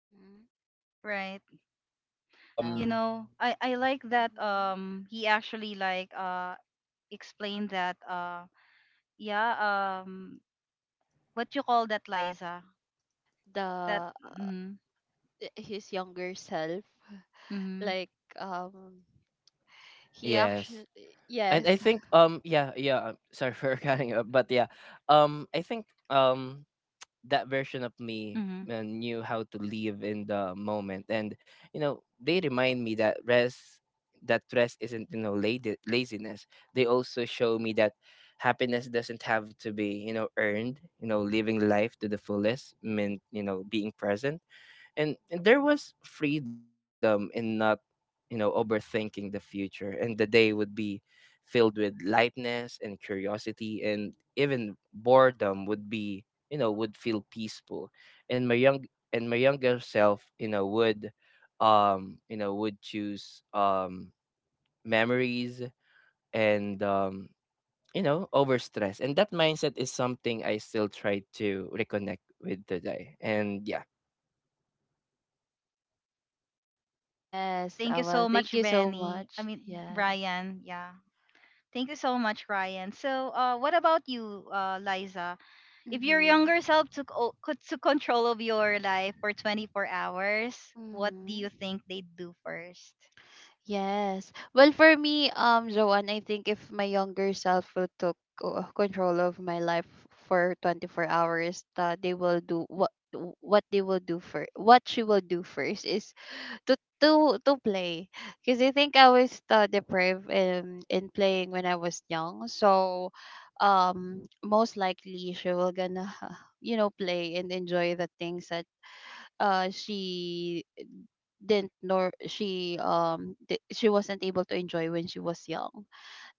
Speaker 2: Hmm.
Speaker 1: Right,
Speaker 3: Back.
Speaker 2: Yeah.
Speaker 1: you
Speaker 3: um
Speaker 1: know I like that,
Speaker 2: Hmm.
Speaker 1: he actually like, explained that, yeah, um what you call that, Liza,
Speaker 2: The
Speaker 1: that? Mm-hmm.
Speaker 2: his younger self,
Speaker 1: Mm-hmm.
Speaker 2: like, um, he
Speaker 3: yes.
Speaker 2: actually.
Speaker 3: And I
Speaker 2: Yes.
Speaker 3: think sorry for cutting up, but I think that version of me
Speaker 1: Mm-hmm.
Speaker 3: knew how to live in the moment. And they remind me that rest, that rest isn't lady, laziness. They also show me that happiness doesn't have to be earned. Living life to the fullest meant being present. And there was freedom in not overthinking the future. And the day would be filled with lightness and curiosity, and even boredom would be, would feel peaceful. and my young and my younger self, would would choose memories. And over stress. And that mindset is something I still try to reconnect with today. And yeah.
Speaker 1: Hey,
Speaker 2: Yes.
Speaker 1: thank you
Speaker 2: Well,
Speaker 1: so
Speaker 2: thank
Speaker 1: much,
Speaker 2: you so
Speaker 1: Benny. I
Speaker 2: much.
Speaker 1: mean,
Speaker 2: Yes.
Speaker 1: Ryan. Yeah. Thank you so much, Ryan. So, what about you, Liza? If your
Speaker 2: Mhm.
Speaker 1: younger self took control of your life for 24 hours, what do
Speaker 2: Mhm.
Speaker 1: you think they'd do first?
Speaker 2: Yes. Well, for me, Joanne, I think if my younger self would took, control of my life for 24 hours, they will do what they will do for what she will do first is to play, because I think I was deprived in playing when I was young. So, most likely she will gonna play and enjoy the things that she didn't, nor she, she wasn't able to enjoy when she was young.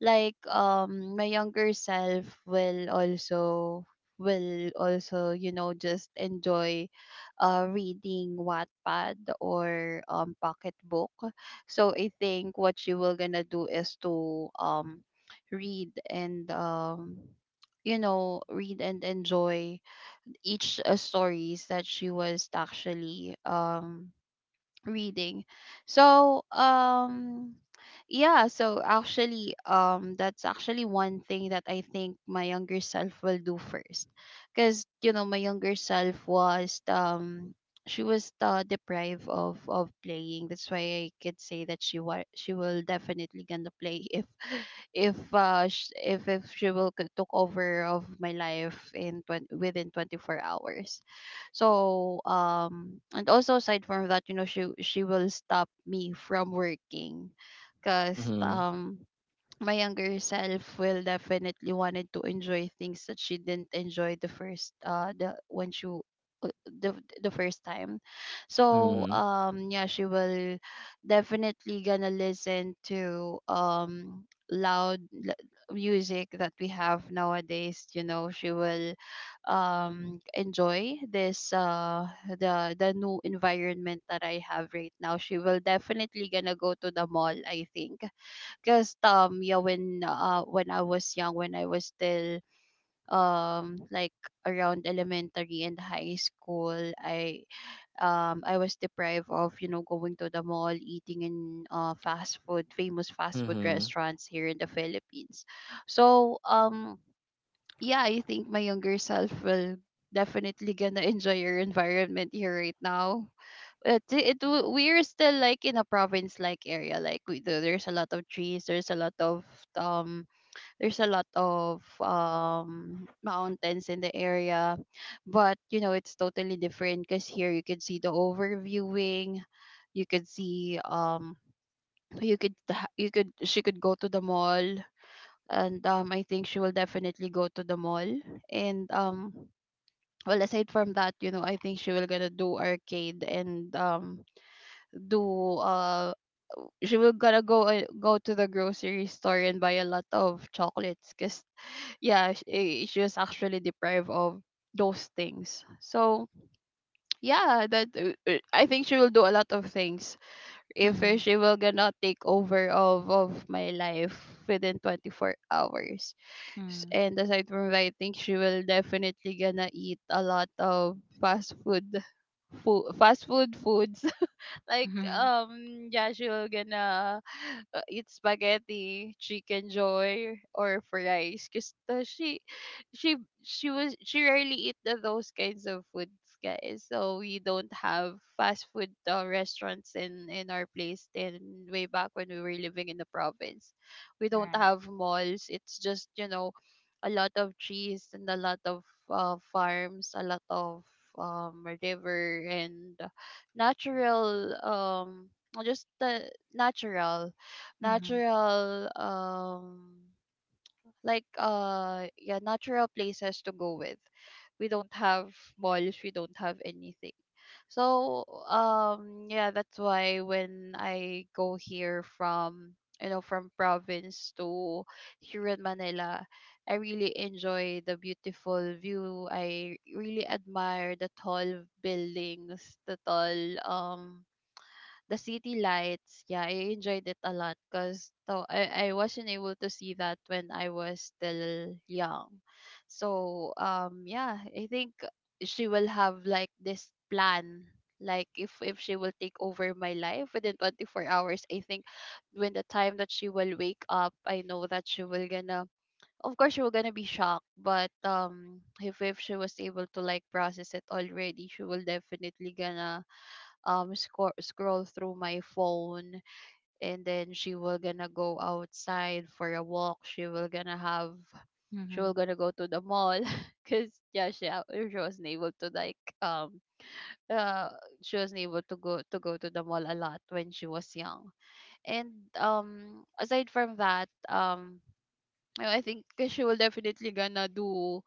Speaker 2: Like, my younger self will also, just enjoy reading Wattpad, or pocket book. So I think what she will gonna do is to read and um read and enjoy each, stories that she was actually, reading. So, yeah, so actually, that's actually one thing that I think my younger self will do first, because, my younger self was she was, deprived of playing. That's why I could say that she will definitely gonna play if if sh- if she will, took over of my life, within 24 hours. So, and also aside from that, she will stop me from working, because,
Speaker 3: Mm-hmm.
Speaker 2: my younger self will definitely wanted to enjoy things that she didn't enjoy the when she w- uh, the the first time. So, yeah, she will definitely gonna listen to, loud, l- music that we have nowadays. You know she will, enjoy this, the new environment that I have right now. She will definitely gonna go to the mall, I think. Cause, yeah, when, I was young, when I was still, like, around elementary and high school, I was deprived of, going to the mall, eating in, fast food famous fast food
Speaker 3: Mhm.
Speaker 2: restaurants here in the Philippines. So, yeah, I think my younger self will definitely gonna enjoy your environment here right now. It w- we're still like in a province like area, like we do, there's a lot of trees, there's a lot of, um mountains in the area. But it's totally different, because here you can see the overviewing, you could see, you could ha- you could she could go to the mall. And, I think she will definitely go to the mall. And, well, aside from that, I think she will gonna do arcade, and, do she will gonna go to the grocery store and buy a lot of chocolates, because, yeah, she was actually deprived of those things. So, yeah, that, I think she will do a lot of things if,
Speaker 1: Mm-hmm.
Speaker 2: she will gonna take over of my life within 24 hours. And aside from that, I think she will definitely gonna eat a lot of fast food food, fast food foods, like,
Speaker 1: Mm-hmm.
Speaker 2: Joshua gonna, eat spaghetti, chicken joy, or fries. Cause, she, she rarely eat those kinds of foods, guys. So we don't have fast food, restaurants in our place. Then way back when we were living in the province, we don't
Speaker 1: Right.
Speaker 2: have malls. It's just, a lot of trees and a lot of, farms, a lot of, river, and natural, or just the natural
Speaker 1: Mm-hmm.
Speaker 2: natural, natural places to go with. We don't have malls, we don't have anything. So, yeah, that's why when I go here from you know from province to here in Manila, I really enjoy the beautiful view, I really admire the tall buildings, um the city lights. Yeah, I enjoyed it a lot, because so I wasn't able to see that when I was still young. So, yeah, I think she will have like this plan, like if she will take over my life within 24 hours. I think when the time that she will wake up, I know that she will gonna, of course, she will gonna be shocked. But, if she was able to like process it already, she will definitely gonna, scroll through my phone, and then she will gonna go outside for a walk, she will
Speaker 1: Mm-hmm.
Speaker 2: gonna go to the mall. Because, yeah, she wasn't able to, like, uh she wasn't able to go to the mall a lot when she was young. And, aside from that, I think she will definitely gonna do,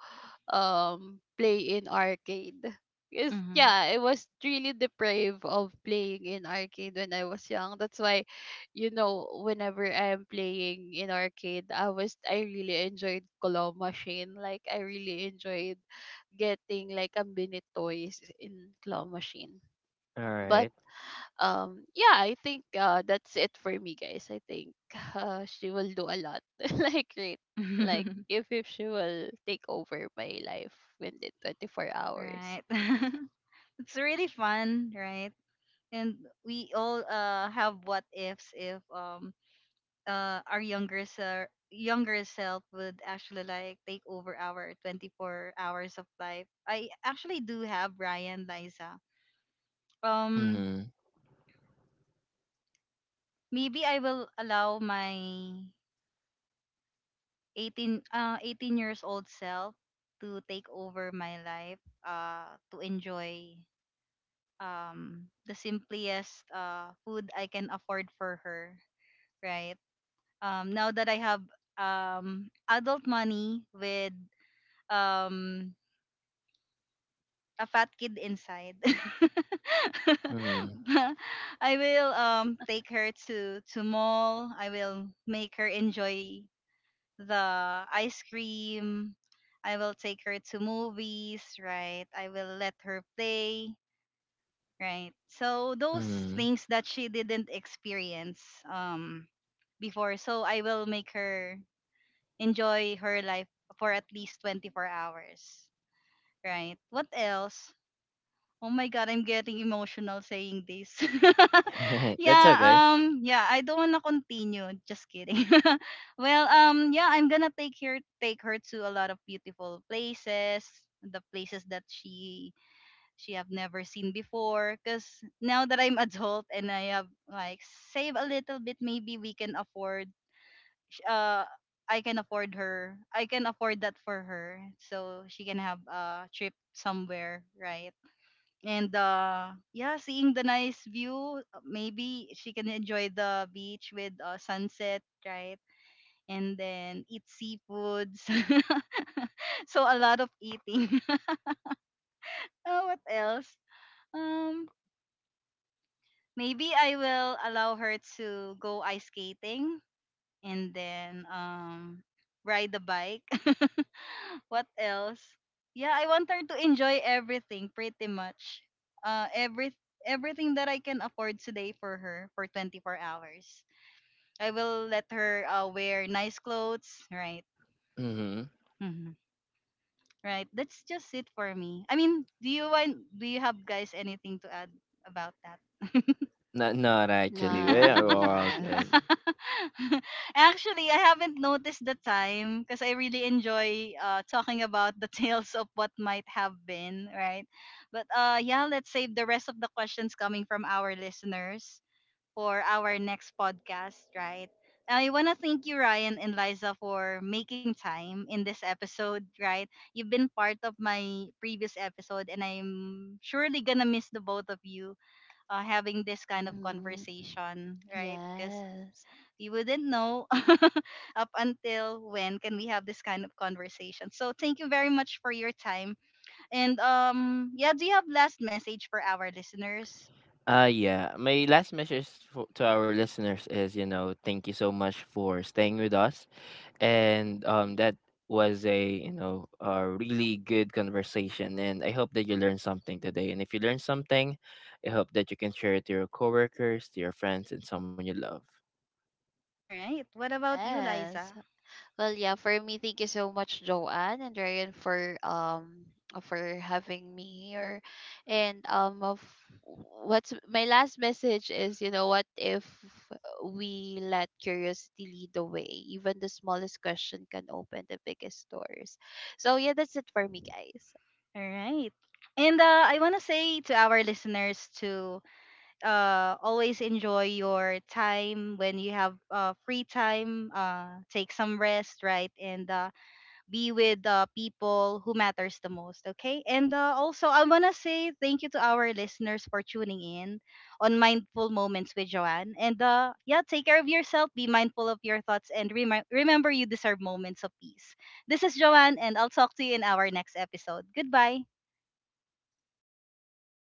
Speaker 2: play in arcade. Cause,
Speaker 1: Mm-hmm.
Speaker 2: yeah, I was really deprived of playing in arcade when I was young. That's why, whenever I am playing in arcade, I really enjoyed claw machine. Like I really enjoyed getting like a mini toys in claw machine. But,
Speaker 3: Alright.
Speaker 2: yeah, I think, that's it for me, guys. I think she will do a lot. Like great, like if she will take over my life within 24 hours.
Speaker 1: right. it's really fun, right? And we all have what ifs if, our younger, younger self would actually like take over our 24 hours of life. I actually do have Brian Liza. Um
Speaker 3: Mhm.
Speaker 1: maybe I will allow my 18 18 years old self to take over my life, to enjoy, the simplest food I can afford for her, right? Now that I have, um adult money with, um a fat kid inside.
Speaker 3: Mhm.
Speaker 1: I will, take her to mall. I will make her enjoy the ice cream. I will take her to movies, right? I will let her play, right? So those
Speaker 3: Mhm.
Speaker 1: things that she didn't experience, before. So I will make her enjoy her life for at least 24 hours, right? What else? Oh my god, I'm getting emotional saying this.
Speaker 3: That's
Speaker 1: yeah,
Speaker 3: okay.
Speaker 1: yeah, I don't want to continue. Just kidding. well, yeah, I'm going to take her to a lot of beautiful places, the places that she have never seen before, cuz now that I'm adult and I have like save a little bit, maybe we can afford, sh- uh I can afford her. I can afford that for her, so she can have a trip somewhere, right? And yeah, seeing the nice view, maybe she can enjoy the beach with, sunset, right? And then eat seafoods. so a lot of eating. oh, what else? um maybe I will allow her to go ice skating, and then, ride the bike. what else? Yeah, I want her to enjoy everything pretty much. Uh every everything that I can afford today for her for 24 hours. I will let her, wear nice clothes, right?
Speaker 3: Mhm.
Speaker 1: Hmm. Right. That's just it for me. I mean, do you have, guys, anything to add about that?
Speaker 3: Not not actually. We
Speaker 2: None.
Speaker 3: are all
Speaker 2: Yes.
Speaker 3: good.
Speaker 1: Actually, I haven't noticed the time because I really enjoy, talking about the tales of what might have been, right? But, yeah, let's save the rest of the questions coming from our listeners for our next podcast, right? I want to thank you, Ryan and Liza, for making time in this episode, right? You've been part of my previous episode, and I'm surely gonna miss the both of you, having this kind of
Speaker 2: Mm-hmm.
Speaker 1: conversation, right? Because
Speaker 2: Yes.
Speaker 1: you wouldn't know up until when can we have this kind of conversation. So thank you very much for your time. And yeah, do you have last message for our listeners?
Speaker 3: Yeah. My last message for, to our listeners is, you know, thank you so much for staying with us. And that was a, you know, a really good conversation, and I hope that you learned something today. And if you learned something, I hope that you can share it to your coworkers, to your friends, and someone you love.
Speaker 1: All right. What about you,
Speaker 2: Yes.
Speaker 1: Liza?
Speaker 2: Well, yeah, for me, thank you so much, Joanne and Ryan, for having me here. And, of what's my last message is, what if we let curiosity lead the way? Even the smallest question can open the biggest doors. So yeah, that's it for me, guys.
Speaker 1: All right. And, I want to say to our listeners to, always enjoy your time when you have, free time. Take some rest, right? And, be with the people who matters the most. Okay, and, also I want to say thank you to our listeners for tuning in on Mindful Moments with Joanne. And, yeah, take care of yourself, be mindful of your thoughts, and remember you deserve moments of peace. This is Joanne, and I'll talk to you in our next episode. Goodbye.